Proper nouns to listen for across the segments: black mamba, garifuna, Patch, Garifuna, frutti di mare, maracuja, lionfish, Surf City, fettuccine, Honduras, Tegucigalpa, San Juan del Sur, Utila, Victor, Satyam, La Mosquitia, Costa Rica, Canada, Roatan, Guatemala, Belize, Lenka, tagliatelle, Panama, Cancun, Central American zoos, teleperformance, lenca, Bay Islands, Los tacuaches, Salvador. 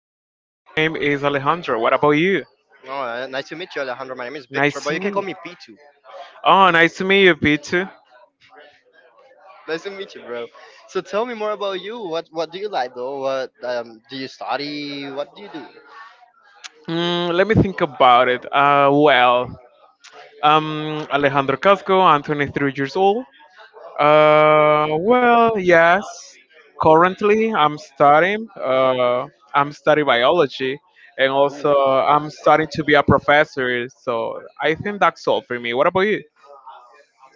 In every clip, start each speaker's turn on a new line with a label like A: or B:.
A: hello, my name is Alejandro. What about you?
B: Oh, Nice to meet you, Alejandro. My name is Victor,
A: Nice to
B: but you can
A: meet
B: call
A: you.
B: me P2.
A: Oh, nice to meet you, Pichu.
B: Nice to meet you, bro. So tell me more about you. What do you like, though? What do you study? What do you do?
A: Let me think about it. Alejandro Casco, I'm 23 years old. Well, yes. Currently, I'm studying. I'm studying biology, and also
B: Ooh.
A: I'm starting to be a professor. So I think that's all for me. What about you?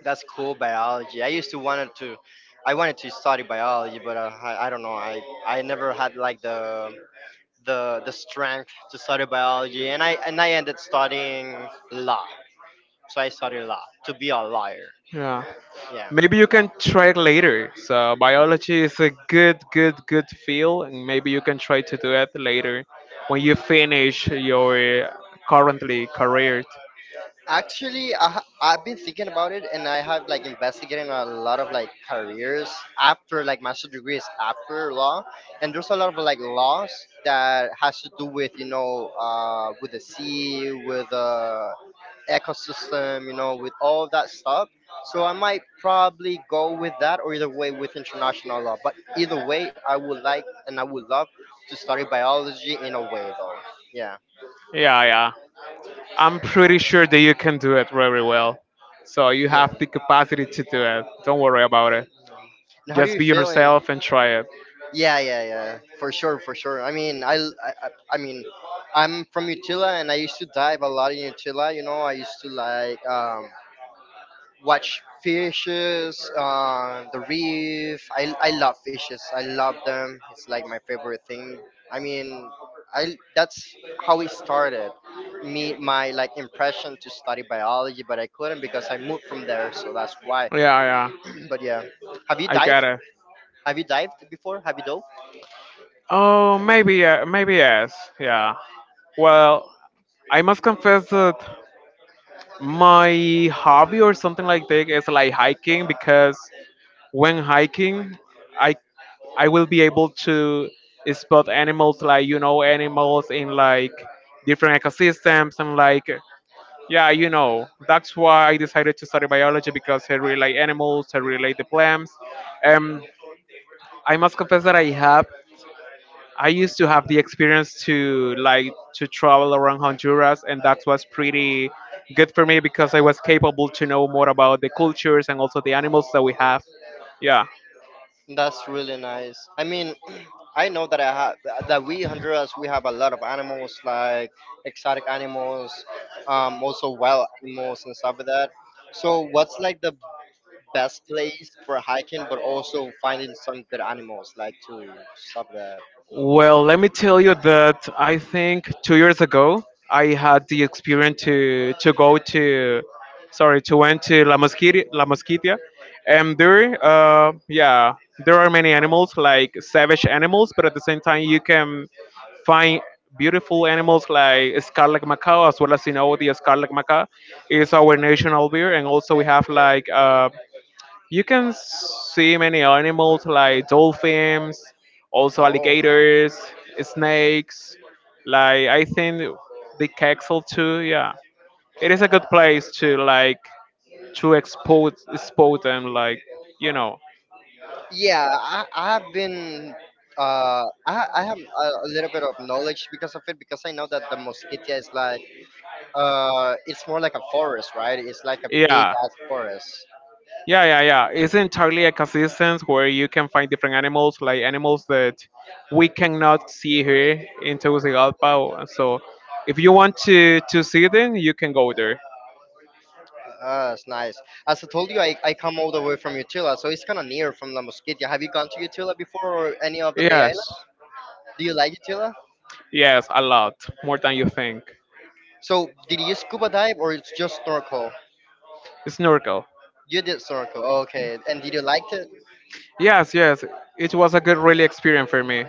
B: That's cool, biology. I used to wanted to, I wanted to study biology, but I don't know. I never had like the strength to study biology, and I ended studying law. So I studied law to be a lawyer.
A: Yeah.
B: Yeah.
A: Maybe you can try it later. So biology is a good field, and maybe you can try to do it later when you finish your currently career.
B: Actually, I've been thinking about it, and I have like investigating a lot of like careers after like master degrees after law, and there's a lot of like laws that has to do with with the sea, with the ecosystem, you know, with all that stuff. So I might probably go with that, or either way with international law. But either way, I would love to study biology in a way though. Yeah,
A: Yeah, yeah. I'm pretty sure that you can do it very well. So you
B: yeah.
A: have the capacity to do it. Don't worry about it.
B: And how do
A: Just
B: you
A: be
B: feeling?
A: yourself and try it.
B: Yeah, yeah, yeah. For sure, for sure. I mean, I'm from Utila, and I used to dive a lot in Utila. You know, I used to watch fishes on the reef. I love fishes. I love them. It's like my favorite thing. I mean, I that's how it started. Me, my like impression to study biology, but I couldn't because I moved from there. So that's why.
A: Yeah, yeah.
B: But yeah, have you
A: I
B: dived?
A: got it.
B: Have you dived before? Have you dove?
A: Oh, maybe, maybe yes. Yeah. Well, I must confess that my hobby or something like that is like hiking, because when hiking i I will be able to spot animals, like, you know, animals in like different ecosystems and like yeah, you know, that's why I decided to study biology, because I really like animals, I really like the plants. Um I must confess that I have I used to have the experience to like to travel around Honduras, and that was pretty good for me because I was capable to know more about the cultures and also the animals that we have. Yeah.
B: That's really nice. I mean, I know that I have that we Honduras we have a lot of animals like exotic animals, also wild animals and stuff like that. So what's like the best place for hiking, but also finding some good animals like to stuff like that.
A: Well, let me tell you that I think 2 years ago I had the experience to go to, sorry, to went to La Mosquitia, and there, yeah, there are many animals like savage animals, but at the same time you can find beautiful animals like scarlet macaw. As well, as you know, the scarlet macaw is our national beer, and also we have like you can see many animals like dolphins, also
B: Oh,
A: alligators, snakes. Like, I think the castle too. Yeah, it is a good place to like to expose them, like, you know.
B: yeah, I have been. I have a little bit of knowledge because of it because I know that the Mosquitia is it's more like a forest, right? It's like a big
A: Yeah.
B: ass forest.
A: Yeah, yeah, yeah. It's entirely ecosystems where you can find different animals, like animals that we cannot see here in Tegucigalpa. So, if you want to see them, you can go there.
B: Ah, it's nice. As I told you, I come all the way from Utila, so it's kind of near from La Mosquitia. Have you gone to Utila before or any of the Bay
A: Yes,
B: Islands? Do you like Utila?
A: yes, a lot, more than you think.
B: So, did you scuba dive or it's just snorkel?
A: Snorkel.
B: You did snorkel, okay. And did you like it?
A: Yes, yes. It was a good, really experience for me.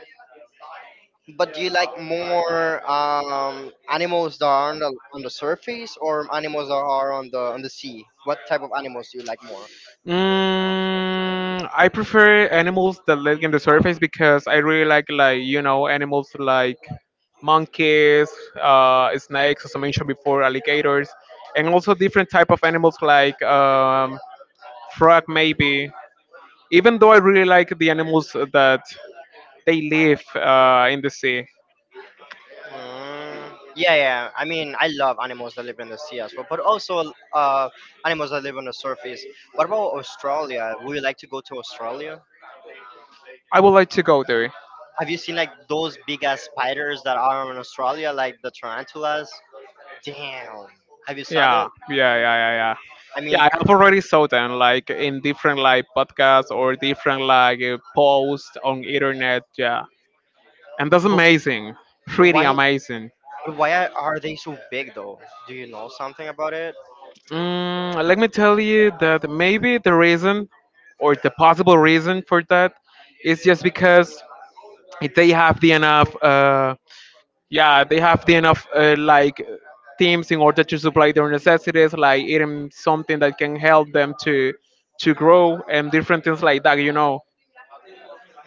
B: But do you like more animals that are on on the surface or animals that are on the sea? What type of animals do you like more?
A: I prefer animals that live in the surface because I really like, you know, animals like monkeys, snakes, as I mentioned before, alligators, and also different type of animals like frog maybe. Even though I really like the animals that they live in the sea,
B: Mm, yeah, yeah. I mean, I love animals that live in the sea as well, but also uh, animals that live on the surface. What about Australia? Would you like to go to Australia?
A: I would like to go there.
B: Have you seen like those big ass spiders that are in Australia, like the tarantulas? Damn. Have you saw
A: Yeah,
B: that?
A: yeah, yeah, yeah, yeah.
B: I mean,
A: Yeah, I have already saw them like in different like podcasts or different like posts on internet. Yeah, and that's
B: but
A: amazing, pretty
B: why
A: amazing.
B: why are they so big though? Do you know something about it?
A: Let me tell you that maybe the reason or the possible reason for that is just because they have the enough. Yeah, they have the enough like teams in order to supply their necessities, like eating something that can help them to grow and different things like that, you know.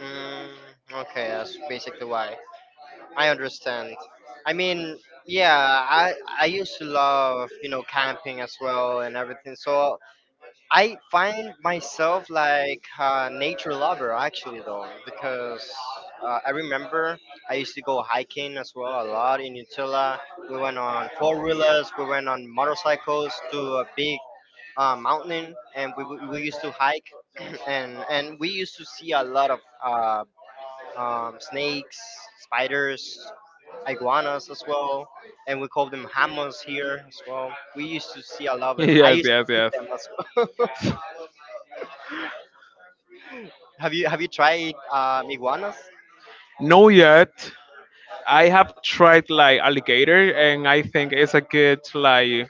B: Mm, okay, that's basically why. I understand. I mean, yeah, I I used to love, you know, camping as well and everything. So I find myself like a nature lover actually though because I remember I used to go hiking as well a lot in Utila. We went on four-wheelers, we went on motorcycles to a big mountain and we used to hike and we used to see a lot of uh, snakes, spiders, iguanas as well, and we call them hammers here as well. We used to see a lot of them. I
A: Yes,
B: used to
A: yes,
B: eat
A: yes.
B: them as well. Have you tried iguanas?
A: No, yet. I have tried like alligator, and I think it's a good, like,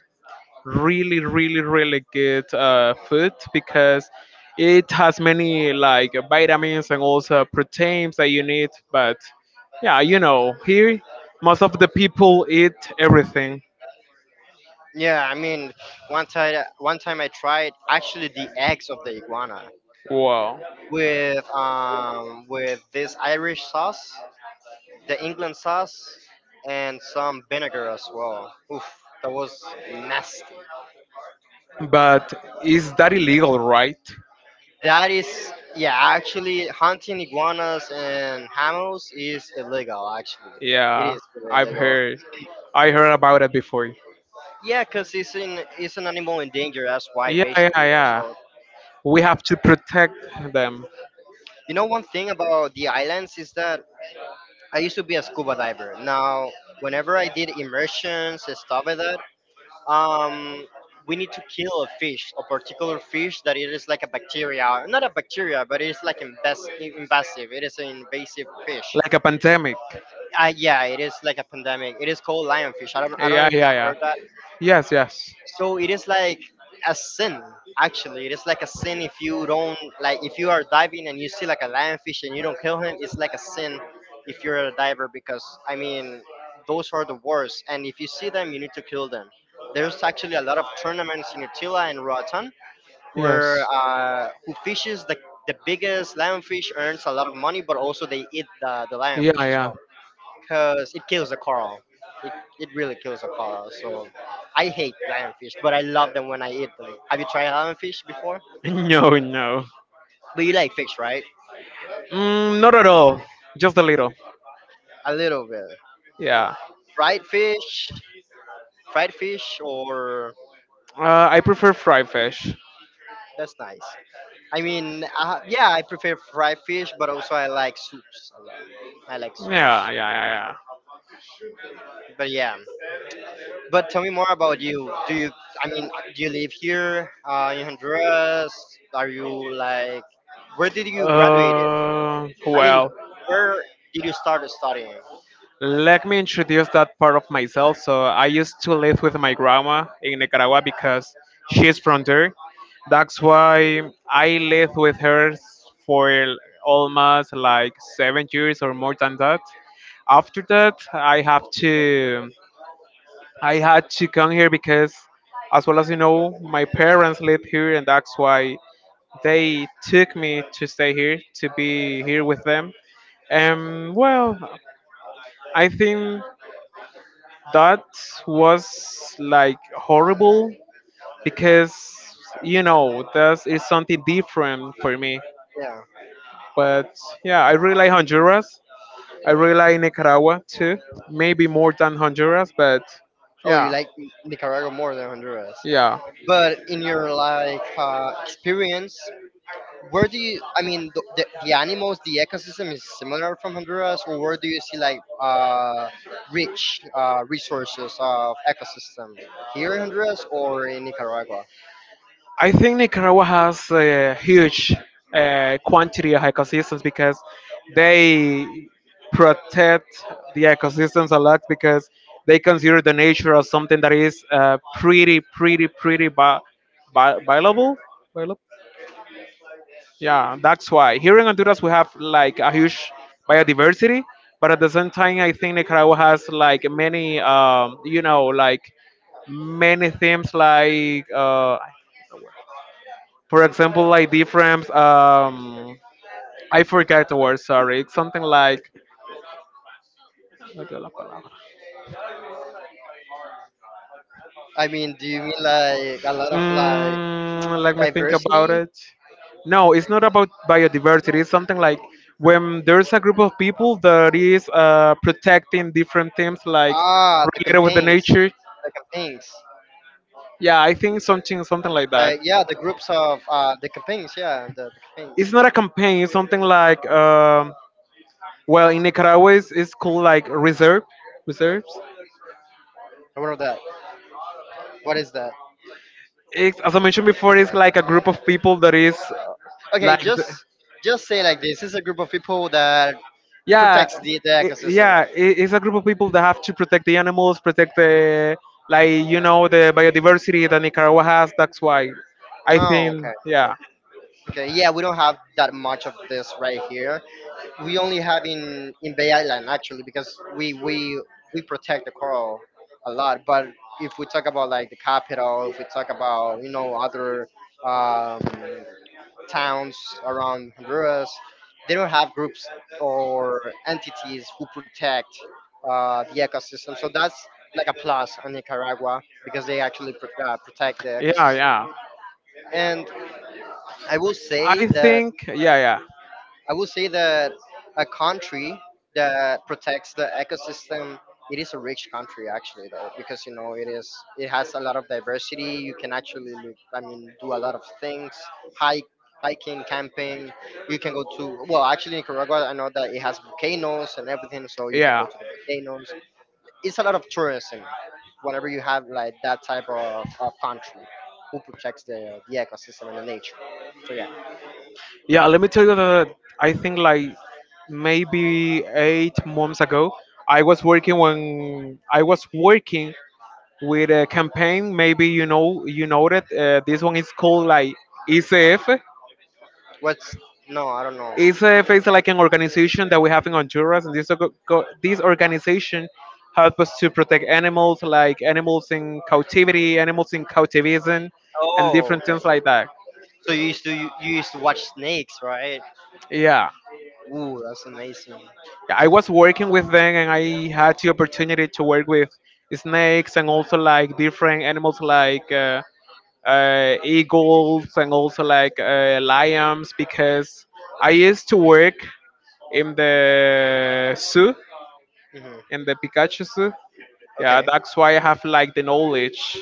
A: really good food, because it has many like vitamins and also proteins that you need. But yeah, you know, here most of the people eat everything.
B: Yeah, I mean, one time I tried actually the eggs of the iguana
A: Wow.
B: with this Irish sauce, the England sauce, and some vinegar as well. Oof, that was nasty.
A: But is that illegal, right?
B: That is, yeah, actually, hunting iguanas and hammers is illegal, actually. It
A: Yeah,
B: is really
A: I've
B: illegal.
A: heard. I heard about it before.
B: Yeah, because it's an animal in danger, that's why,
A: Yeah, yeah,
B: basically.
A: yeah.
B: Also,
A: We have to protect them.
B: you know, one thing about the islands is that I used to be a scuba diver. Now, whenever I did immersions and stuff like that, um, we need to kill a fish, a particular fish that it is like a bacteria, not a bacteria, but it is like invasive. It is an invasive fish.
A: Like a pandemic.
B: Yeah, it is like a pandemic. It is called lionfish. I don't know
A: Yeah,
B: if you
A: yeah,
B: have
A: yeah.
B: heard that.
A: Yes, yes,
B: So it is like a sin, actually. It is like a sin if you don't, like, if you are diving and you see like a lionfish and you don't kill him, it's like a sin if you're a diver because, I mean, those are the worst. And if you see them, you need to kill them. There's actually a lot of tournaments in Utila and Roatan
A: yes.
B: where who fishes the biggest lionfish earns a lot of money, but also they eat the lionfish as
A: Yeah,
B: well because it kills the coral. It, it really kills the coral. So I hate lionfish, but I love them when I eat them. Have you tried lionfish before?
A: yeah. No, no.
B: But you like fish, right?
A: Not at all. Just a little.
B: A little bit.
A: Yeah.
B: Fried fish, Fried fish, or
A: I prefer fried fish.
B: that's nice. Yeah, I prefer fried fish, but also I like soups a lot. I like
A: Yeah, yeah,
B: soups.
A: yeah,
B: But yeah, but tell me more about you. Do you? I mean, do you live here in Honduras? Are you like? Where did
A: yeah.
B: you graduate? I mean, where did you start studying?
A: Let me introduce that part of myself. So I used to live with my grandma in Nicaragua because she's from there. That's why I lived with her for almost like 7 years or more than that. After that, I had to come here because, as well as you know, my parents live here, and that's why they took me to stay here to be here with them. And well, I think that was like horrible because you know that is something different for me.
B: Yeah.
A: But yeah, I really like Honduras. I really like Nicaragua too. Maybe more than Honduras, but
B: Oh, you
A: yeah,
B: like Nicaragua more than Honduras.
A: yeah.
B: But in your experience, where do you? I mean, the animals, the ecosystem is similar from Honduras, or where do you see rich resources of ecosystem here in Honduras or in Nicaragua?
A: I think Nicaragua has a huge quantity of ecosystems because they protect the ecosystems a lot, because they consider the nature of something that is pretty, viable. Viable. Yeah, that's why. Here in Honduras, we have like a huge biodiversity, but at the same time, I think Nicaragua has like many, you know, like many themes like for example, like different. I forget the word. Sorry, it's something like. No dio la palabra.
B: I mean, do you mean like a lot of like
A: Let me think about
B: diversity?
A: it. No, it's not about biodiversity. It's something like when there's a group of people that is protecting different things, like
B: Ah, the
A: related with the
B: campaigns,
A: nature.
B: the campaigns.
A: Yeah, I think something like that.
B: Like yeah, the groups of the
A: It's
B: campaigns.
A: not a campaign. It's something like well, in Nicaragua, it's called like reserves.
B: What are that? What is that?
A: It's, as I mentioned before, it's like a group of people that is
B: Okay,
A: like, the,
B: just say like this. This is a group of people that
A: yeah,
B: protects the ecosystem.
A: it's a group of people that have to protect the animals, protect the, like, you know, the biodiversity that Nicaragua has. That's why I
B: Oh,
A: think,
B: okay.
A: yeah,
B: Okay, yeah, we don't have that much of this right here. We only have in Bay Island actually because we protect the coral a lot. But if we talk about like the capital, if we talk about you know other um, towns around Honduras, they don't have groups or entities who protect the ecosystem. So that's like a plus on Nicaragua because they actually protect the
A: yeah,
B: ecosystem.
A: yeah.
B: And I will say
A: I
B: that
A: think, yeah, yeah,
B: I would say that a country that protects the ecosystem, it is a rich country actually though, because you know it has a lot of diversity. You can actually look, I mean, do a lot of things, hike, hiking, camping. You can go to well, actually Nicaragua, I know that it has volcanoes and everything, so you can go
A: yeah.
B: to the volcanoes. It's a lot of tourism whenever you have like that type of country who protects the ecosystem and the nature. So yeah,
A: Yeah, let me tell you that I think like maybe 8 months ago, I was working when I was working with a campaign. Maybe you know that this one is called like ECF.
B: what's no, I don't know.
A: ECF is like an organization that we have in Honduras, and this this organization helps us to protect animals, like animals in captivity, animals in captivism, and
B: Oh,
A: different
B: okay.
A: things like that.
B: So you used to watch snakes, right?
A: Yeah.
B: Ooh, that's amazing.
A: Yeah, I was working with them and I had the opportunity to work with snakes and also like different animals like eagles and also like lions, because I used to work in the zoo,
B: Hmm.
A: in the Pikachu zoo. Yeah,
B: Okay,
A: that's why I have like the knowledge.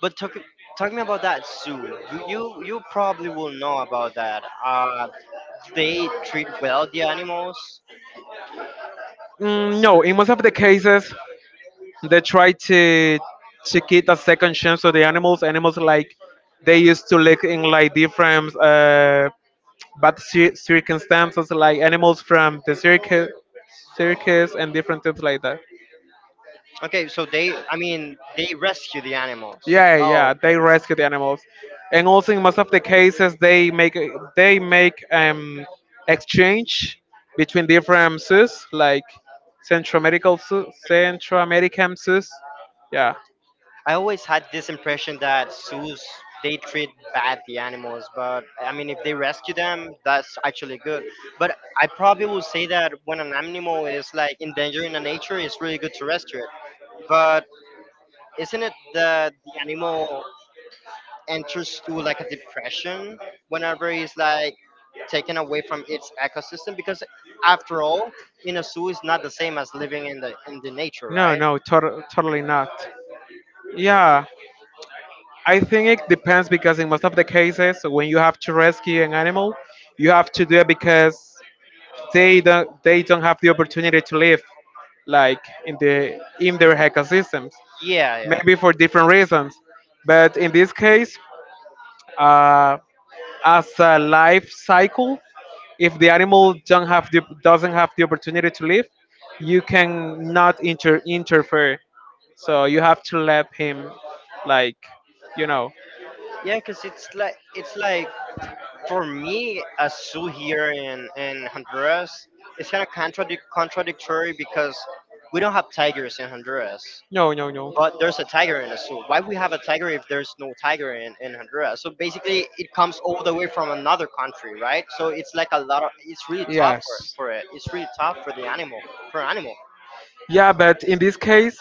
B: but talk me about that zoo. You probably will know about that. They treat well the animals.
A: No, in most of the cases, they try to get a second chance to the animals. Animals like they used to live in like different circumstances, like animals from the circus and different things like that.
B: Okay, so they I mean they rescue the animals.
A: Yeah,
B: Oh,
A: yeah, they rescue the animals, and also in most of the cases they make exchange between different zoos like Central Medical Zoo, Central American zoos. Yeah,
B: I always had this impression that zoos they treat bad the animals, but I mean, if they rescue them, that's actually good. But I probably would say that when an animal is like in danger in the nature, it's really good to rescue it. But isn't it that the animal enters to like a depression whenever it's like taken away from its ecosystem? Because after all, in a zoo is not the same as living in the nature,
A: no,
B: right?
A: no, totally not. Yeah, I think it depends because in most of the cases, when you have to rescue an animal, you have to do it because they don't have the opportunity to live like in the in their ecosystems
B: Yeah, yeah,
A: maybe for different reasons, but in this case, uh, as a life cycle, if the animal don't have the, doesn't have the opportunity to live, you can not interfere, so you have to let him, like, you know.
B: yeah. Because it's like for me, a zoo here in Honduras is kind of contradictory because we don't have tigers in Honduras,
A: No, no, no.
B: but there's a tiger in a zoo. Why we have a tiger if there's no tiger in Honduras? So basically, it comes all the way from another country, right? So it's like a lot of it's really tough for
A: Yes.
B: it. It's really tough for the animal for animal.
A: Yeah, but in this case,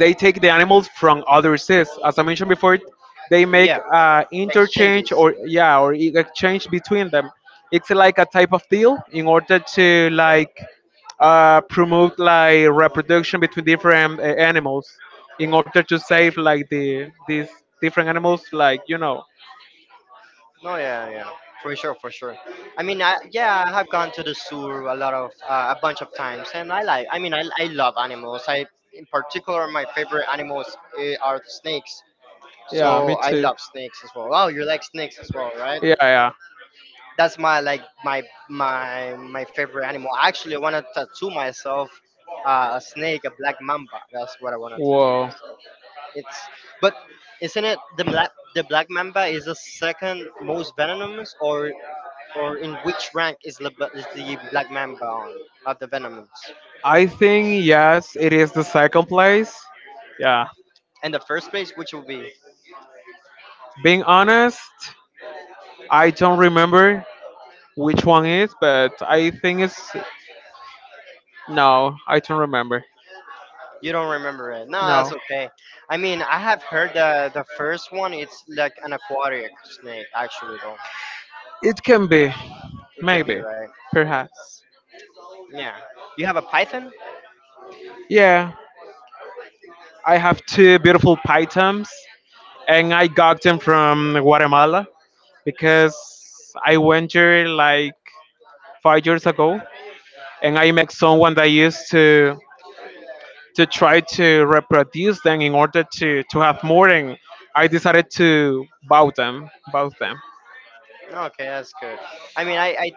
A: they take the animals from other zoos. As I mentioned before, they make
B: Yeah,
A: interchange
B: exchanges.
A: or yeah, or exchange between them. It's like a type of deal in order to like promote like reproduction between different animals in order to save like these different animals, like, you know.
B: No, yeah, yeah, for sure, for sure. Yeah, I have gone to the zoo a lot of a bunch of times, and I like. I love animals. I, in particular, my favorite animals are the snakes.
A: Yeah,
B: So
A: me
B: I
A: too.
B: love snakes as well. Oh, you like snakes as well, right?
A: Yeah, yeah.
B: That's my like my favorite animal. I actually want to tattoo myself a snake, a black mamba. That's what I want to tattoo
A: Whoa.
B: myself. It's but isn't it the black mamba is the second most venomous, or in which rank is, is the black mamba on of the venoms?
A: I think yes, it is the second place. Yeah,
B: And the first place, which will be?
A: being honest, I don't remember which one is, but I think it's no, I don't remember.
B: You don't remember it. No, that's
A: No,
B: okay. I mean, I have heard the first one. It's like an aquatic snake, actually, though.
A: it can be,
B: It can be,
A: maybe,
B: right.
A: perhaps.
B: Yeah. You have a python?
A: Yeah, I have two beautiful pythons, and I got them from Guatemala because I went there like 5 years ago, and I met someone that used to try to reproduce them in order to have more, and I decided to buy them.
B: Okay, that's good. I mean, I I,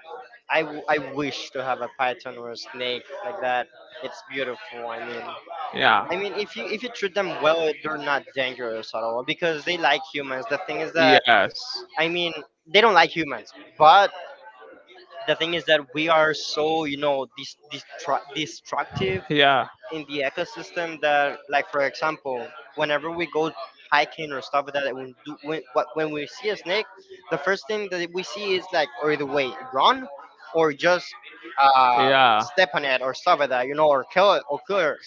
B: I, w- I wish to have a python or a snake like that. It's beautiful. I mean,
A: Yeah.
B: I mean, if you treat them well, they're not dangerous at all because they like humans. The thing is that,
A: Yes.
B: I mean, they don't like humans, but the thing is that we are so destructive
A: Yeah.
B: in the ecosystem that, like, for example, whenever we go hiking or stuff like that, when do when what- when we see a snake, the first thing that we see is like, or either way run, or just
A: Yeah. Yeah.
B: uh,
A: Yeah.
B: step on it
A: Yeah.
B: or stuff like that, you know, or kill it or kill it.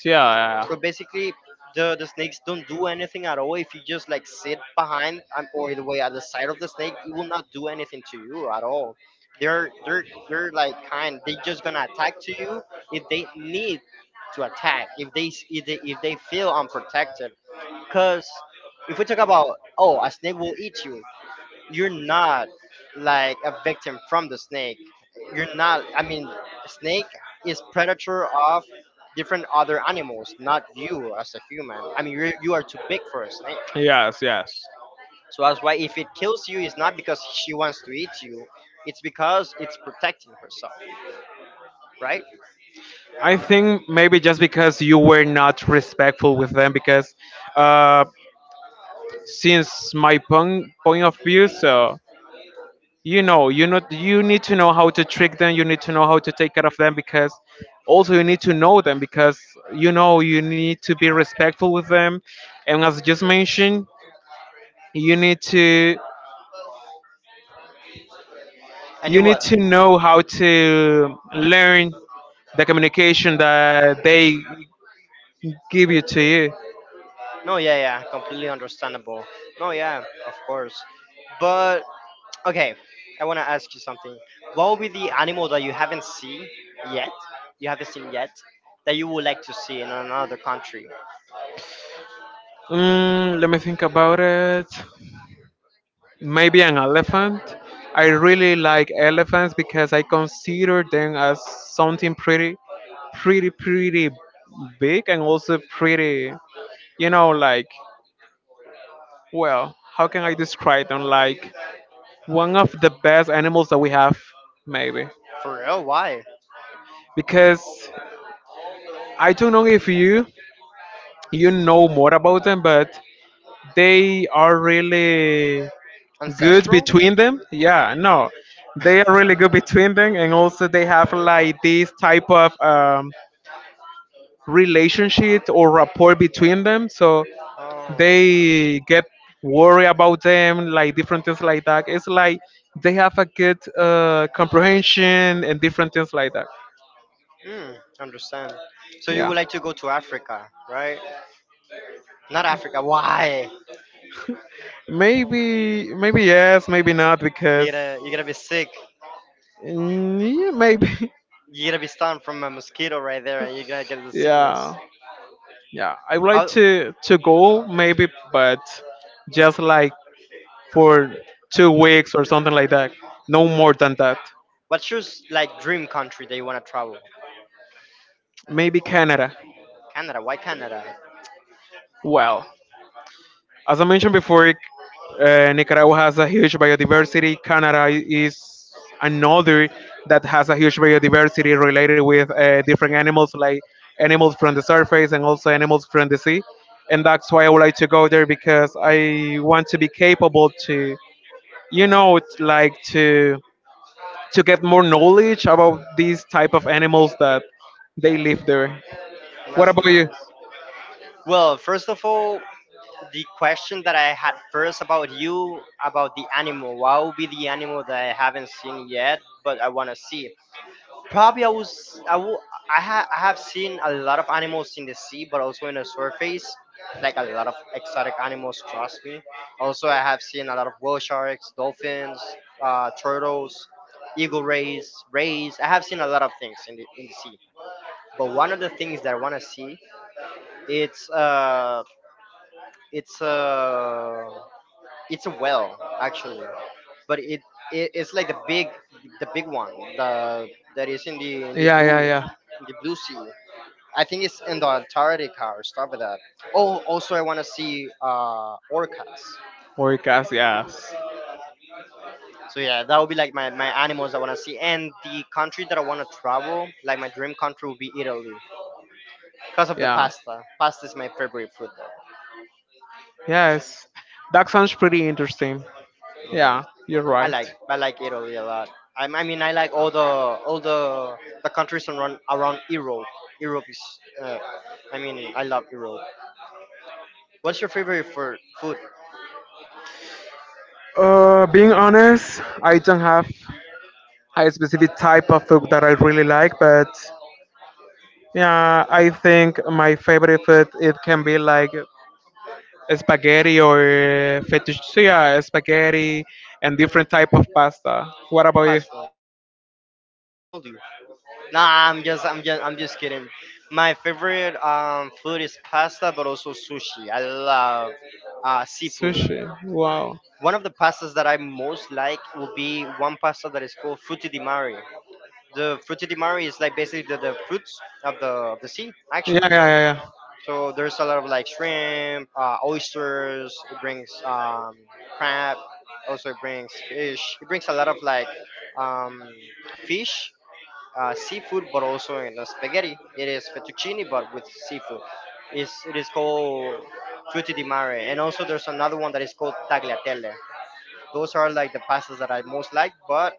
B: So basically, the snakes don't do anything at all. If you just like sit behind, or the way at the side of the snake, it will not do anything to you at all. They're they're
A: You
B: they're like kind. They're just gonna
A: they
B: attack to you if they need to attack. If they feel unprotected, because if we talk about, oh, a snake will eat you, you're not like a victim from the snake. You're not. I mean, snake is predator of different other animals, not you as a human. I mean, you are too big for a snake.
A: snake. Yes, yes.
B: So that's why if it kills you, it's not because she wants to eat you. It's because it's protecting herself, right?
A: I think maybe just because you were not respectful with them, because uh, since my point of view. So you know, you know, you need to know how to trick them. You need to know how to take care of them, because also you need to know them, because you know you need to be respectful with them. And as just mentioned, you need to
B: And it
A: you need
B: was
A: to know how to learn the communication that they give you to you.
B: No, yeah, yeah, completely understandable. No, yeah, of course. But okay, I want to ask you something. What will be the animal that you haven't seen yet? You haven't seen yet that you would like to see in another country?
A: Let me think about it. Maybe an elephant. I really like elephants because I consider them as something pretty, pretty big, and also pretty, you know, like, well, how can I describe them? Like, one of the best animals that we have, maybe.
B: For real? Why?
A: Because I don't know if you know more about them, but they are really good
B: Ancestral?
A: between them. Yeah, no, they are really good between them, and also they have like this type of relationship or rapport between them. So
B: Oh.
A: they get worried about them, like different things like that. It's like they have a good comprehension and different things like that.
B: Hmm. Understand. So you
A: Yeah,
B: would like to go to Africa, right? Not Africa. Why?
A: maybe, maybe yes, maybe not
B: You
A: because
B: are going to you are going to be sick.
A: yeah, maybe
B: You are going to be stung from a mosquito right there, and you are going to get the sickness.
A: yeah. Yeah, I would like
B: How?
A: to go maybe, but just like for 2 weeks or something like that. No more than that.
B: What's your like dream country that you wanna travel?
A: Maybe Canada.
B: Canada. Why Canada?
A: Well, as I mentioned before, Nicaragua has a huge biodiversity. Canada is another that has a huge biodiversity related with different animals, like animals from the surface and also animals from the sea. And that's why I would like to go there because I want to be capable to, you know, it's like to get more knowledge about these type of animals that they live there. What
B: That's
A: about you?
B: nice. Well, first of all, the question that I had first about you about the animal. What would be the animal that I haven't seen yet, but I want to see? Probably I was I will, I, ha, I have seen a lot of animals in the sea, but also in the surface, like a lot of exotic animals. Trust me. Also, I have seen a lot of whale sharks, dolphins, turtles, eagle rays, rays. I have seen a lot of things in the sea. But one of the things that I want to see, it's uh, it's uh it's a well, actually, but it's like the big, the big one the that is
A: Yeah, yeah, yeah.
B: in the blue sea. I think it's in the Antarctica or stuff like that. Oh, also I want to see orcas.
A: Orcas, yes.
B: So yeah, that would be like my animals I want to see. And the country that I want to travel, like my dream country, would be Italy because of the
A: Yeah.
B: pasta. Pasta is my favorite food though.
A: Yes. That sounds pretty interesting.
B: Yeah.
A: Yeah, you're
B: I
A: right.
B: like I like Italy a lot. I mean, I like all the countries around Europe. Europe is uh, I mean, I love Europe. What's your favorite for food?
A: Being honest, I don't have a specific type of food that I really like, but yeah, I think my favorite food it can be like spaghetti or fettuccine, yeah, spaghetti and different type of pasta. What about you?
B: Pasta. I told you. Nah, I'm just kidding. My favorite food is pasta, but also sushi. I love seafood.
A: Sushi. Wow.
B: One of the pastas that I most like will be one pasta that is called frutti di mare. The fruitimari is like basically the fruits of the sea,
A: Yeah,
B: actually. You
A: yeah, yeah, yeah.
B: So there's a lot of like shrimp, oysters, it brings, crab, also it brings fish, it brings a lot of like, um, fish, seafood, but also in the spaghetti it is fettuccine but with seafood. It is called frutti di mare, and also there's another one that is called tagliatelle. Those are like the pastas that I most like. But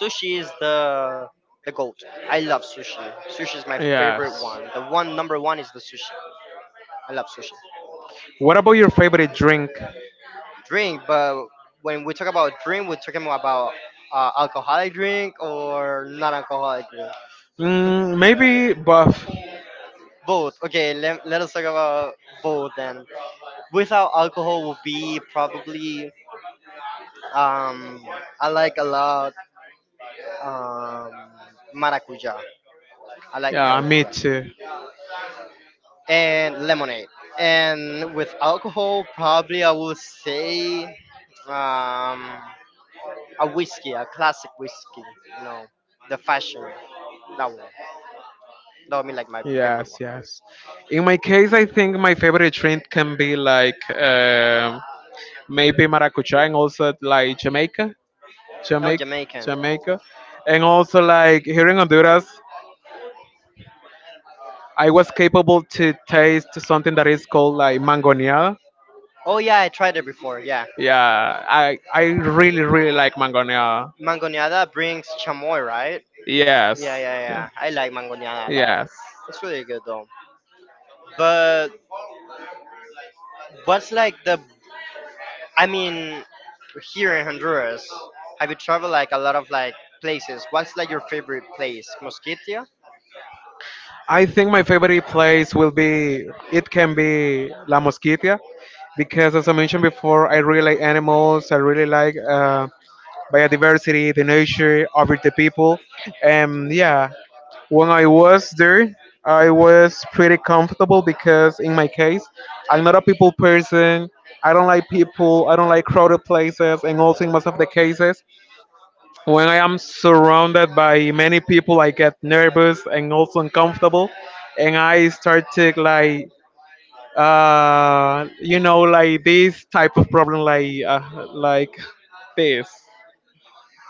B: sushi is the goat. I love sushi. Sushi is my favorite
A: Yes.
B: one. The one number one is the sushi. I love sushi.
A: What about your favorite drink?
B: Drink, but when we talk about drink, we're talking about alcoholic drink or non-alcoholic drink.
A: Mm, maybe buff.
B: Both. Okay, let us talk about both then. Without alcohol would be probably, um I like a lot, um maracuja. I like
A: Yeah, me
B: maracuja
A: too.
B: and lemonade. And with alcohol, probably I will say, um, a whiskey, a classic whiskey. You know, the fashion, that one. That would be like my favorite one.
A: Yes, yes. In my case, I think my favorite drink can be like maybe maracuja and also like Jamaica.
B: No,
A: Jamaica,
B: Jamaican.
A: Jamaica, and also like here in Honduras, I was capable to taste something that is called like mangonia.
B: Oh yeah, I tried it before. Yeah,
A: Yeah, I really really like mangonia.
B: mangoneada brings chamoy, right? Yeah,
A: Yes,
B: yeah,
A: yeah.
B: yeah. I like mangoneada a lot.
A: Yes.
B: It's really good though. But what's like the, I mean, here in Honduras, have you traveled like a lot of like places? What's like your favorite place? Mosquitia?
A: I think my favorite place will be it can be La Mosquitia because as I mentioned before, I really like animals. I really like biodiversity, the nature, over the people, and yeah, when I was there, I was pretty comfortable because, in my case, I'm not a people person. I don't like people. I don't like crowded places. And also, in most of the cases, when I am surrounded by many people, I get nervous and also uncomfortable. And I start to like, you know, like this type of problem, like this.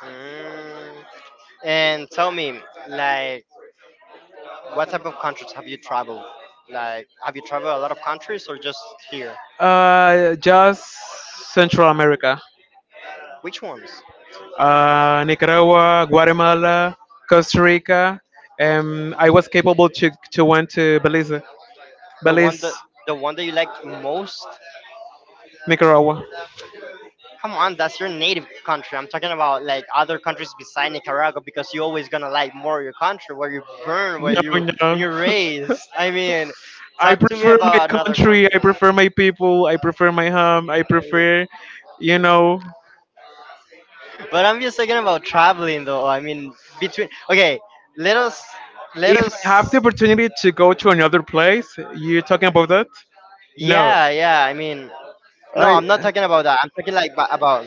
B: Mm. And tell me, like, what type of countries have you traveled? Like, have you traveled a lot of countries or just here?
A: Just Central America.
B: Which ones?
A: Nicaragua, Guatemala, Costa Rica. I was capable to went to Belize,
B: The one
A: Belize,
B: that the one that you liked most?
A: Nicaragua.
B: Come on, that's your native country. I'm talking about like other countries beside Nicaragua, because you always gonna like more your country where you burn, where
A: No,
B: you, when
A: no.
B: you're raised. I mean,
A: I
B: talk to me
A: prefer my
B: about another
A: country. I
B: country.
A: prefer my people. I prefer my home. I
B: Mean,
A: prefer, you know,
B: But I'm just talking about traveling though. I mean, between, okay, let us let
A: if
B: us.
A: I have the opportunity to go to another place, you talking about that? No.
B: Yeah, yeah. I mean, no, I'm not
A: I.
B: talking about that. I'm talking like about,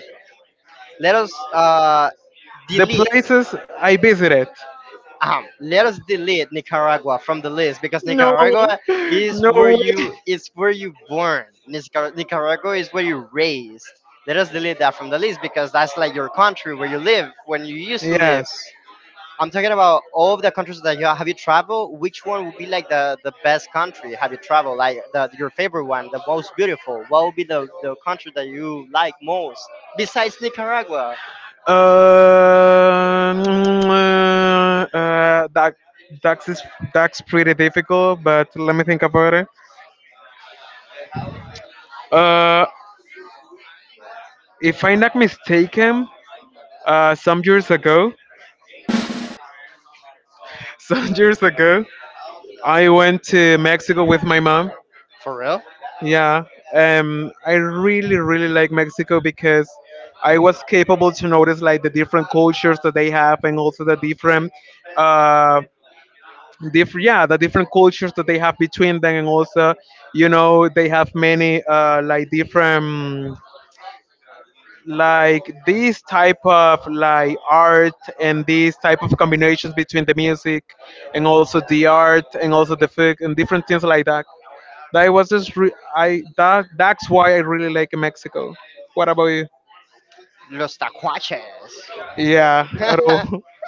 B: let us uh
A: The
B: delete
A: places I visited.
B: let us delete Nicaragua from the list, because
A: No,
B: Nicaragua
A: no way.
B: is where you born. Nicaragua is where you raised. Let us delete that from the list because that's like your country where you live, when you used to live.
A: Yes.
B: I'm talking about all of the countries that you have you traveled. Which one would be like the best country? Have you traveled like your favorite one, the most beautiful? What would be the country that you like most besides Nicaragua?
A: Uh, that that's is that's pretty difficult, but let me think about it. Uh, if I'm not mistaken, some years ago, some years ago, I went to Mexico with my mom.
B: For real?
A: Yeah, I really, really like Mexico because I was capable to notice like the different cultures that they have, and also the uh, yeah, the different cultures that they have between them, and also, you know, they have many like different, like this type of like art and these type of combinations between the music and also the art and also the food and different things like that. That was just re- I that that's why I really like Mexico. What about you?
B: Los tacuaches.
A: Yeah,
B: No,
A: at all.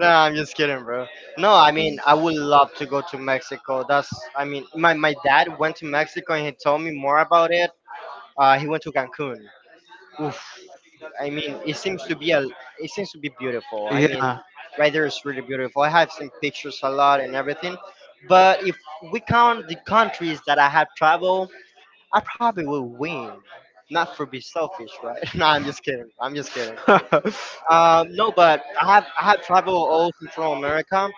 B: I'm just kidding, bro. No, I mean, I would love to go to Mexico. I mean, my dad went to Mexico and he told me more about it. He went to Cancun. Oof. I mean, it seems to be it seems to be beautiful. I mean,
A: Yeah,
B: right there is really beautiful. I have seen pictures a lot and everything. But if we count the countries that I have traveled, I probably will win. Not for be selfish, right? No, I'm just kidding. I'm just kidding. No, but I have traveled all through Central America.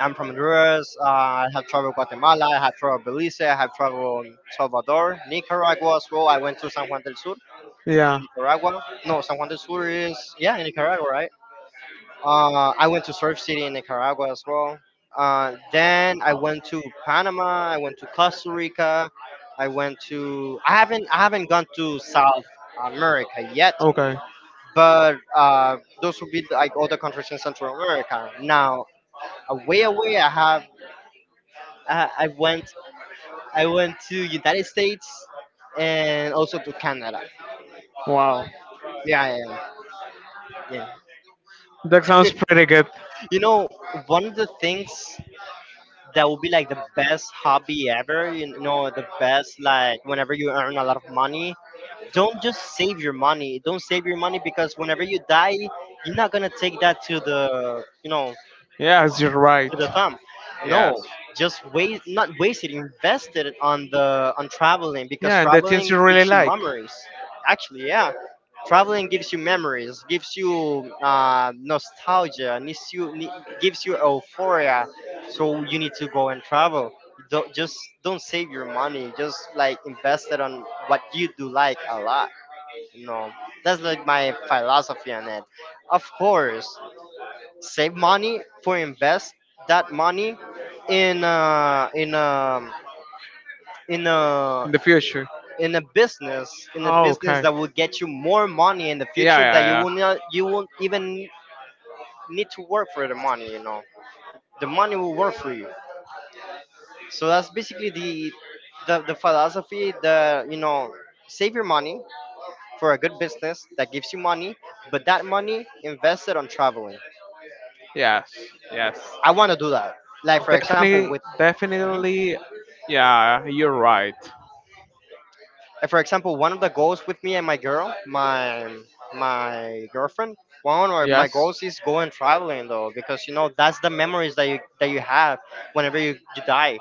B: I'm from Honduras. I have traveled Guatemala. I have traveled Belize. I have traveled Salvador, Nicaragua as well. I went to San Juan del Sur,
A: yeah.
B: Nicaragua. No, San Juan del Sur is, yeah, in Nicaragua, right? I went to Surf City in Nicaragua as well. Then I went to Panama. I went to Costa Rica. I went to. I haven't. I haven't gone to South America yet,
A: Okay.
B: but those would be like all the countries in Central America. Now, away away, I have. Uh, I I went. I went to United States, and also to Canada.
A: Wow,
B: Yeah, yeah, yeah.
A: that sounds pretty good.
B: You know, one of the things that will be like the best hobby ever, the best, like, whenever you earn a lot of money, don't just save your money, don't save your money, because whenever you die, you're not gonna take that to the you know
A: Yes, you're right.
B: to the thumb.
A: Yes.
B: No, just waste, not wasted, invested on the on traveling, because
A: Yeah, and the things
B: traveling
A: you
B: gives
A: really
B: you
A: like
B: memories. Actually, yeah, traveling gives you memories, gives you nostalgia, gives you gives you euphoria. So you need to go and travel. Don't just don't save your money. Just like invest it on what you do like a lot. No, that's like my philosophy on it. Of course, save money for invest that money in uh, in um in a
A: in the future.
B: in a
A: Oh,
B: business
A: okay.
B: that will get you more money in the
A: Yeah,
B: future
A: yeah,
B: that you
A: yeah.
B: will not you won't even need to work for the money. You know, the money will work for you, so that's basically the philosophy. The you know Save your money for a good business that gives you money, but that money invested on traveling.
A: Yes, yes.
B: I want to do that, like for example
A: Definitely,
B: with— Mhm.
A: definitely. Yeah, you're right.
B: For example, one of the goals with me and my girlfriend, one of my
A: Yes,
B: goals is going traveling, though, because you know that's the memories that you have whenever you die.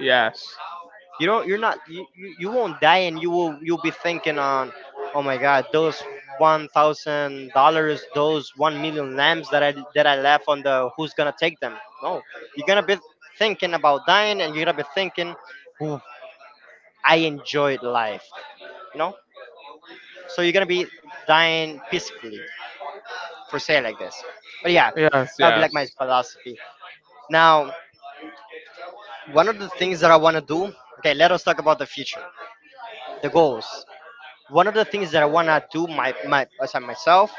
A: yes,
B: You don't, you're not, you won't die, and you'll be thinking on, oh my God, those $1,000, those 1 million lambs that I left on the— who's gonna take them? No, you're gonna be thinking about dying, and you're gonna be thinking, ooh, I enjoyed life. You know. So you're gonna be dying peacefully, for say it like this. But yeah, that would be like my
A: yes.
B: philosophy. Now, one of the things that I wanna do.
A: Yes.
B: Okay, let us talk about the future, the goals. One of the things that I wanna do my— aside myself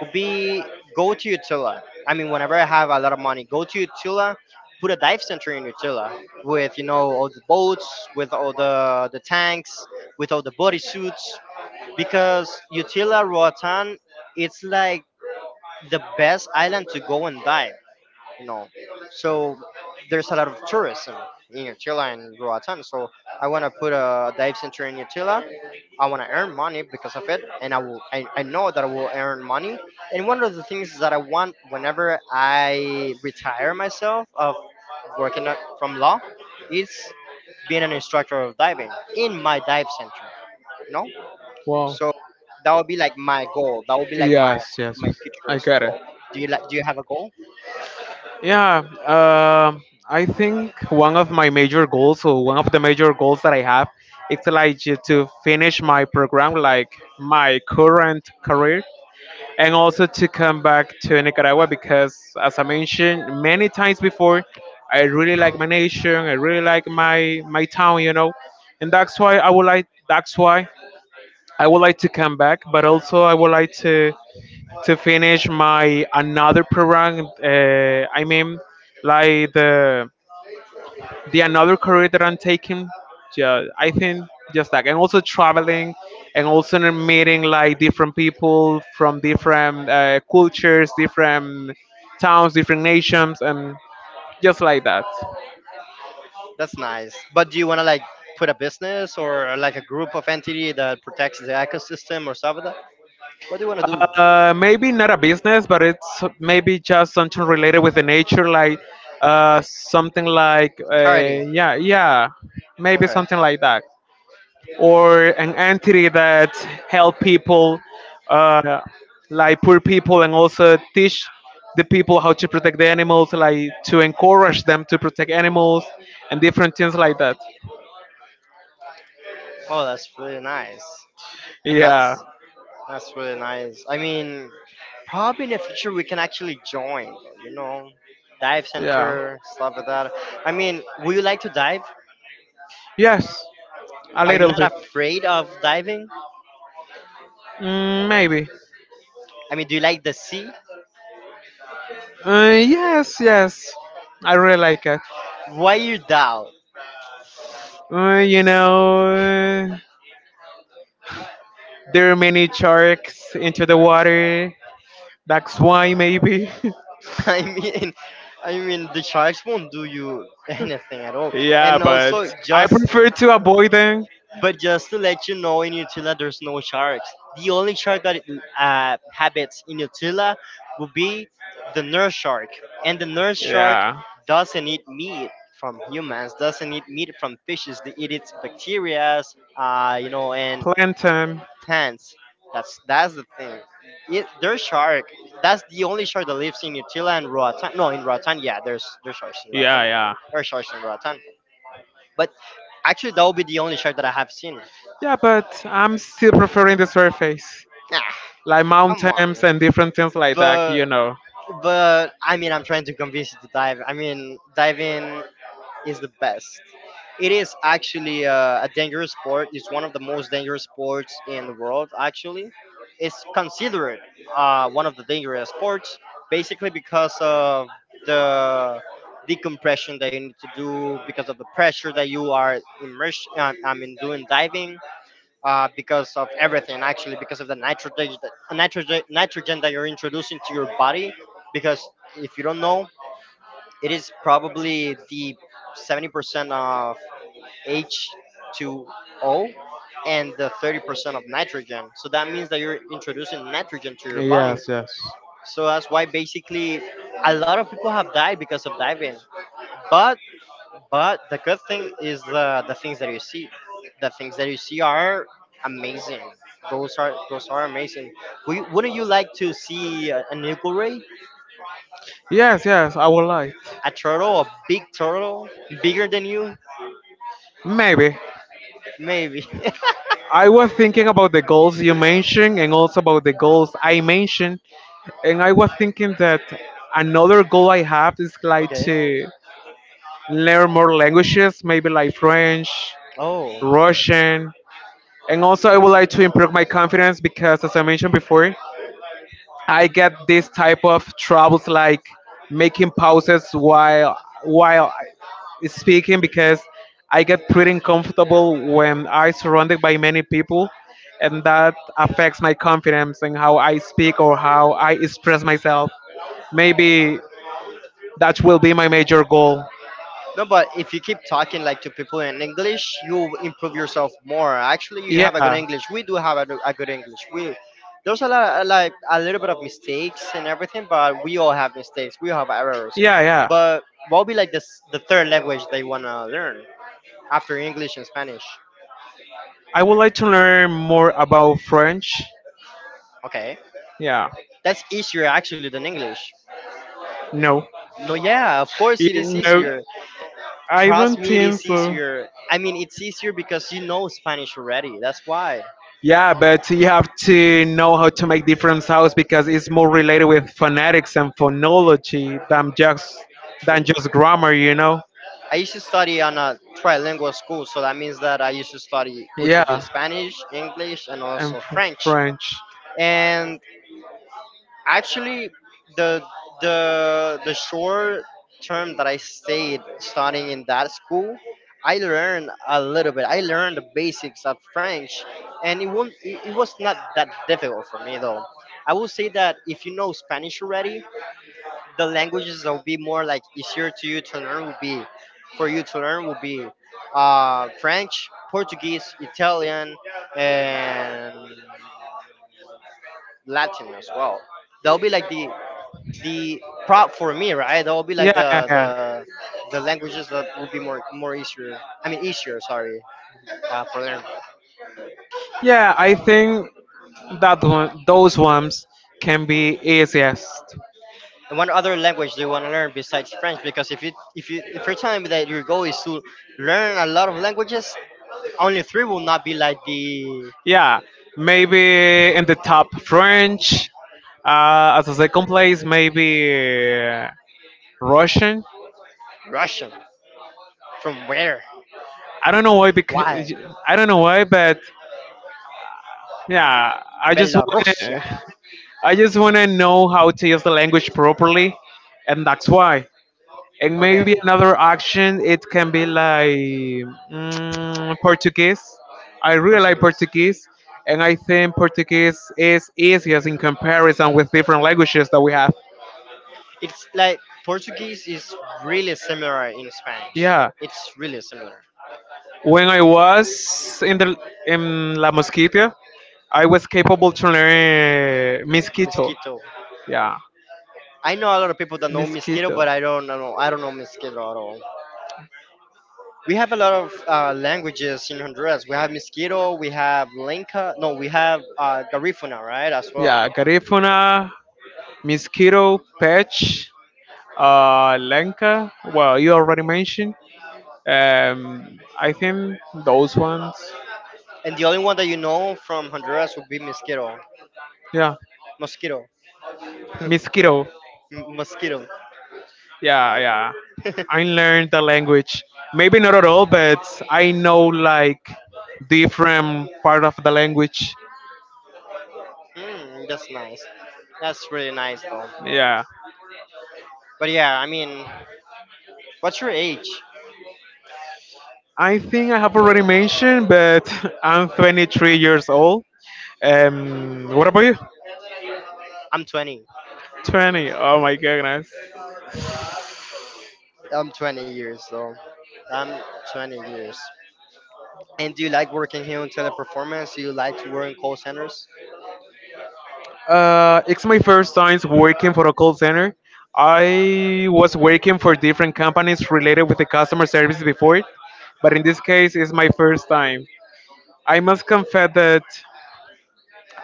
B: would be go to Utila. I mean, whenever I have a lot of money, go to Utila, put a dive center in Utila with, you know, all the boats, with all the tanks, with all the bodysuits, because Utila, Roatan, it's like the best island to go and dive, you know. So there's a lot of tourism in Utila and Roatan. So I want to put a dive center in Utila. I want to earn money because of it, and I will. I know that I will earn money. And one of the things that I want whenever I retire myself of working at— from law is being an instructor of diving in my dive center.
A: Wow.
B: So that would be like my goal. That would be like my
A: Yes, yes.
B: my
A: I
B: future's
A: got it.
B: goal. Do you like? Do you have a goal?
A: Yeah, um, I think one of my major goals, or one of the major goals that I have, it's like to finish my program, like my current career, and also to come back to Nicaragua because, as I mentioned many times before, I really like my nation. I really like my town, you know, and that's why I would like. That's why I would like to come back, but also I would like to finish my another program. I mean, like the another career that I'm taking. Yeah, I think just like and also traveling and also meeting like different people from different cultures, different towns, different nations, and just like that.
B: That's nice. But do you want to like put a business or like a group of entity that protects the ecosystem or stuff like that? What do you want to do?
A: Maybe not a business, but it's maybe just something related with the nature, like something like
B: Charity.
A: yeah, yeah, maybe
B: Okay.
A: something like that. Or an entity that help people, uh, like poor people, and also teach the people how to protect the animals, like to encourage them to protect animals and different things like that.
B: Oh, that's really nice. That's—
A: Yeah.
B: that's really nice. I mean, probably in the future we can actually join, you know, dive
A: Yeah.
B: center, stuff like that. I mean, would you like to dive?
A: Yes, a
B: Are you
A: little bit.
B: not afraid of diving?
A: Mm, maybe.
B: I mean, do you like the sea?
A: Yes, yes, I really like it.
B: Why you doubt?
A: You know, there are many sharks into the water. That's why maybe.
B: I mean, I mean, the sharks won't do you anything at all.
A: Yeah,
B: And
A: but
B: also,
A: I
B: just—
A: prefer to avoid them.
B: But just to let you know, in Utila there's no sharks. The only shark that habits in Utila would be the nurse shark, and the nurse shark
A: Yeah.
B: doesn't eat meat from humans, doesn't eat meat from fishes. They eat its bacteria, you know, and
A: Plantain.
B: plants. That's the thing. It, their shark. That's the only shark that lives in Utila and Roatan. No, in Roatan, yeah, there's sharks in
A: Yeah,
B: Roatan.
A: yeah.
B: There are sharks in Roatan. But actually, that would be the only shark that I have seen.
A: Yeah, but I'm still preferring the surface. Like
B: Come
A: mountains
B: on.
A: and different things like that,
B: But
A: you know.
B: but I mean, I'm trying to convince you to dive. I mean, diving is the best. It is actually a dangerous sport. It's one of the most dangerous sports in the world. Actually, it's considered one of the dangerous sports, basically because of the decompression that you need to do because of the pressure that you are immersed. I mean, doing diving because of everything, actually, because of the nitrogen that you're introducing to your body, because if you don't know, it is probably the 70% of H2O and the 30% of nitrogen, so that means that you're introducing nitrogen to your body,
A: Yes, yes.
B: so that's why basically a lot of people have died because of diving. but but the good thing is the things that you see. The things that you see are amazing. Those are amazing. Wouldn't you like to see a, an eagle ray,
A: Yes, yes, I would like.
B: a turtle, a big turtle, bigger than you?
A: Maybe.
B: Maybe.
A: I was thinking about the goals you mentioned and also about the goals I mentioned. And I was thinking that another goal I have is like
B: Okay.
A: to learn more languages, maybe like French,
B: Oh.
A: Russian. And also, I would like to improve my confidence because, as I mentioned before, I get this type of troubles like making pauses while speaking because I get pretty uncomfortable when I surrounded by many people and that affects my confidence and how I speak or how I express myself. Maybe that will be my major goal.
B: No, but if you keep talking like to people in English, you improve yourself more. Actually, you
A: Yeah.
B: have a good
A: Yeah,
B: English. We do have a good English. We— there's a lot, of, like a little bit of mistakes and everything, but we all have mistakes. We have errors.
A: yeah.
B: But what would be like this the third language they wanna learn after English and Spanish?
A: I would like to learn more about French.
B: Okay,
A: Yeah.
B: that's easier actually than English.
A: No.
B: No, yeah, of course it is
A: You know,
B: easier.
A: I
B: Trust
A: don't
B: me, it
A: think
B: is
A: so.
B: easier. I mean, it's easier because you know Spanish already. That's why.
A: Yeah, but you have to know how to make different sounds because it's more related with phonetics and phonology than
B: True.
A: just grammar, you know.
B: I used to study on a trilingual school, so that means that I used to study, which would be
A: Yeah,
B: Spanish, English, and
A: and
B: also French.
A: French.
B: And— actually, the the short term that I stayed studying in that school, I learned a little bit. I learned the basics of French, and it was— it was not that difficult for me, though. I will say that if you know Spanish already, the languages that will be more like easier to you to learn will be— for you to learn will be French, Portuguese, Italian, and Latin as well. That'll be like the prop for me, right? That will be
A: Yeah,
B: like
A: yeah,
B: the
A: yeah.
B: the the languages that will be more more easier. I mean, easier, sorry, for learn.
A: Yeah, I think that one, those ones can be easiest.
B: And what other language do you want to learn besides French? Because if you if you if you're telling me that your goal is to learn a lot of languages, only three will not be like the—
A: Yeah, maybe in the top French. As a second place, maybe Russian.
B: Russian. From where?
A: I don't know why
B: Why?
A: because I don't know why, but yeah, I just want
B: Belarusia.
A: to I just want to know how to use the language properly, and that's why. And maybe
B: Okay.
A: another action, it can be like Portuguese. I really like
B: Portuguese.
A: Portuguese, and I think Portuguese is easiest in comparison with different languages that we have.
B: It's like Portuguese is really similar in Spanish.
A: Yeah,
B: It's really similar.
A: when I was in the in La Mosquitia, I was capable to learn mosquito.
B: Mosquito.
A: Yeah,
B: I know a lot of people that know mosquito,
A: mosquito.
B: but I don't know. I don't know mosquito at all. We have a lot of languages in Honduras. We have mosquito. We have lenca. No, we have garifuna, right? As well.
A: Yeah, Garifuna, Mosquito, Patch, Lenka. Well, you already mentioned. I think those ones.
B: And the only one that you know from Honduras would be mosquito.
A: Yeah,
B: Mosquito.
A: Mosquito.
B: Mosquito.
A: Yeah, yeah. I learned the language. Maybe not at all, but I know like different part of the language.
B: Mm, that's nice. That's really nice, though.
A: Yeah.
B: But yeah, I mean, what's your age?
A: I think I have already mentioned, but I'm 23 years old. What about you?
B: I'm 20.
A: 20. Oh my goodness.
B: I'm 20 years, though. I'm 20 years. And do you like working here in teleperformance? Do you like to work in call centers?
A: It's my first time working for a call center. I was working for different companies related with the customer service before, but in this case, it's my first time. I must confess that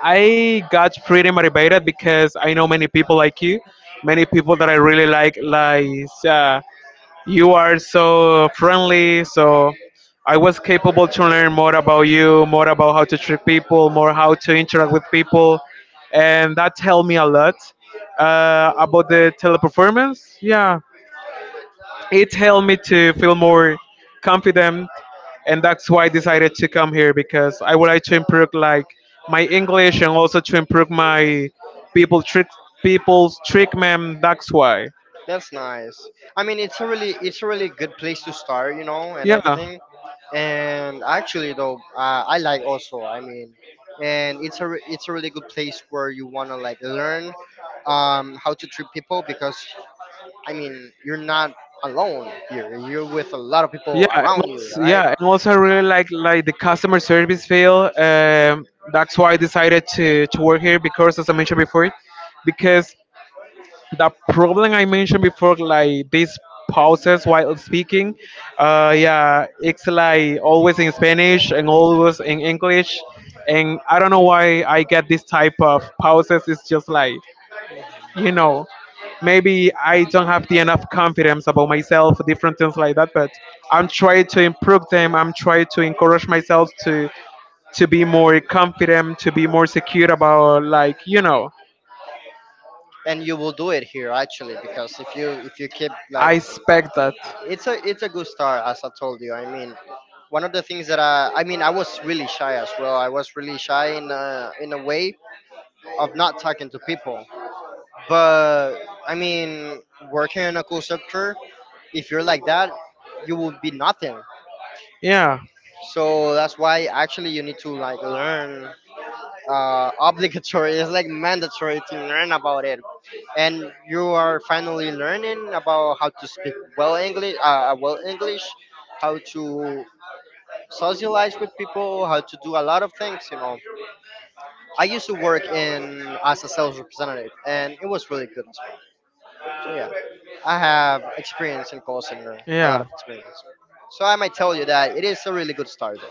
A: I got pretty motivated because I know many people like you, many people that I really like you are so friendly, so I was capable to learn more about you, more about how to treat people, more how to interact with people, and that helped me a lot. About the teleperformance, yeah, it helped me to feel more confident, and that's why I decided to come here because I would like to improve like my English and also to improve my people treat people's treatment. That's why,
B: That's nice. I mean, it's a really good place to start, you know, and
A: yeah.
B: everything. And actually, though, I like also. I mean, and it's a re- it's a really good place where you want to like learn how to treat people, because I mean, you're not alone here. You're with a lot of people around you, right?
A: Yeah, and also I really like the customer service field. That's why I decided to work here because, as I mentioned before, because the problem I mentioned before, like these pauses while speaking, yeah, it's like always in Spanish and always in English, and I don't know why I get this type of pauses. It's just like, you know, maybe I don't have the enough confidence about myself, different things like that, but I'm trying to improve them, I'm trying to encourage myself to be more confident, to be more secure about, like, you know,
B: And you will do it here, actually, because if you keep
A: I
B: like—
A: expect that.
B: it's a good start, as I told you. I mean, one of the things that I mean, I was really shy as well. I was really shy in a way of not talking to people. But I mean, working in a call center, if you're like that, you will be nothing.
A: Yeah,
B: So that's why actually you need to like learn obligatory. It's like mandatory to learn about it, and you are finally learning about how to speak well English, how to socialize with people, how to do a lot of things. You know, I used to work in as a sales representative, and it was really good as well. So yeah, I have experience in call center, a lot
A: yeah,
B: of experience. So I might tell you that it is a really good start. Though.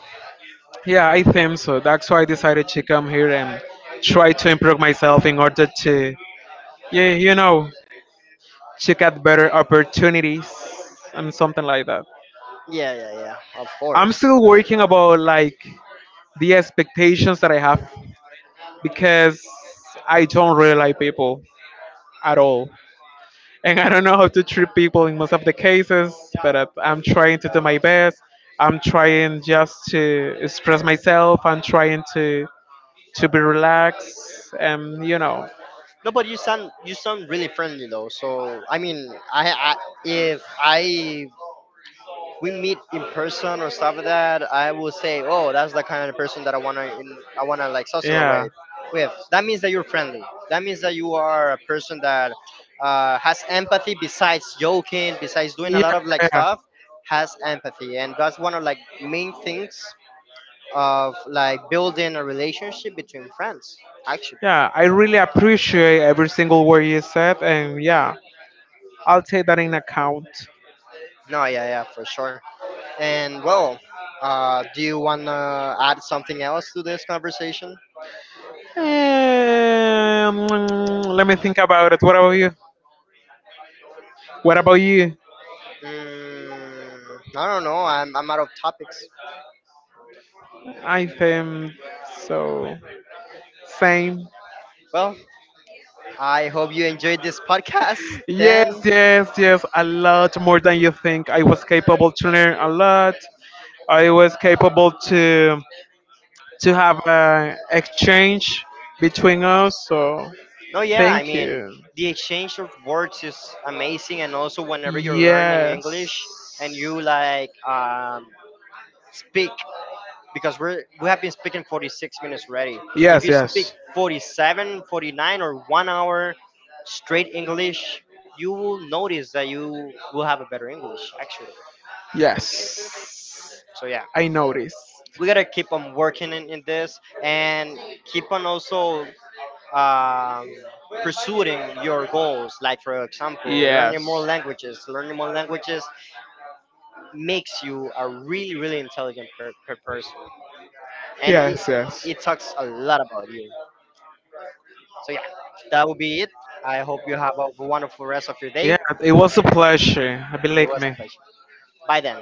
A: yeah, I think so, that's why I decided to come here and try to improve myself in order to, yeah, you know, to get better opportunities and something like that.
B: Yeah, yeah, yeah. Of
A: I'm
B: course.
A: still working about like the expectations that I have because I don't really like people at all. And I don't know how to treat people in most of the cases, but I'm trying to do my best. I'm trying just to express myself. I'm trying to be relaxed and you know,
B: No, but you sound— you sound really friendly, though. So I mean, I if I— we meet in person or stuff like that, I will say, oh, that's the kind of person that I wanna in, I wanna like socialize
A: yeah,
B: with. With that means that you're friendly. That means that you are a person that has empathy. Besides joking, besides doing a
A: yeah,
B: lot of like
A: yeah.
B: stuff, has empathy, and that's one of like main things of like building a relationship between friends. Actually,
A: Yeah. I really appreciate every single word you said, and yeah, I'll take that in account.
B: no, yeah, yeah, for sure. And well, do you wanna add something else to this conversation?
A: Um, let me think about it. What about you? What about you?
B: Mm, I don't know. I'm out of topics.
A: I think so. Same.
B: Well, I hope you enjoyed this podcast.
A: Yes,
B: Then,
A: yes, yes. A lot more than you think. I was capable to learn a lot. I was capable to have an exchange between us. So
B: no, yeah, I
A: thank
B: mean,
A: you.
B: the exchange of words is amazing. And also, whenever you're learning
A: Yes.
B: English and you like speak, because we're, we have been speaking 46 minutes already. If
A: Yes,
B: you speak
A: yes,
B: 47, 49, or 1 hour straight English, you will notice that you will have a better English, actually.
A: yes.
B: So, yeah.
A: I noticed.
B: We gotta keep on working in this and keep on also um, pursuing your goals, like for example learning
A: Yes.
B: more languages. Learning more languages makes you a really really intelligent per, per person, and it,
A: Yes, yes.
B: it talks a lot about you. So yeah, that will be it. I hope you have a wonderful rest of your day.
A: Yeah, it was a pleasure. Have a
B: It
A: like,
B: was a
A: man.
B: pleasure. Bye then.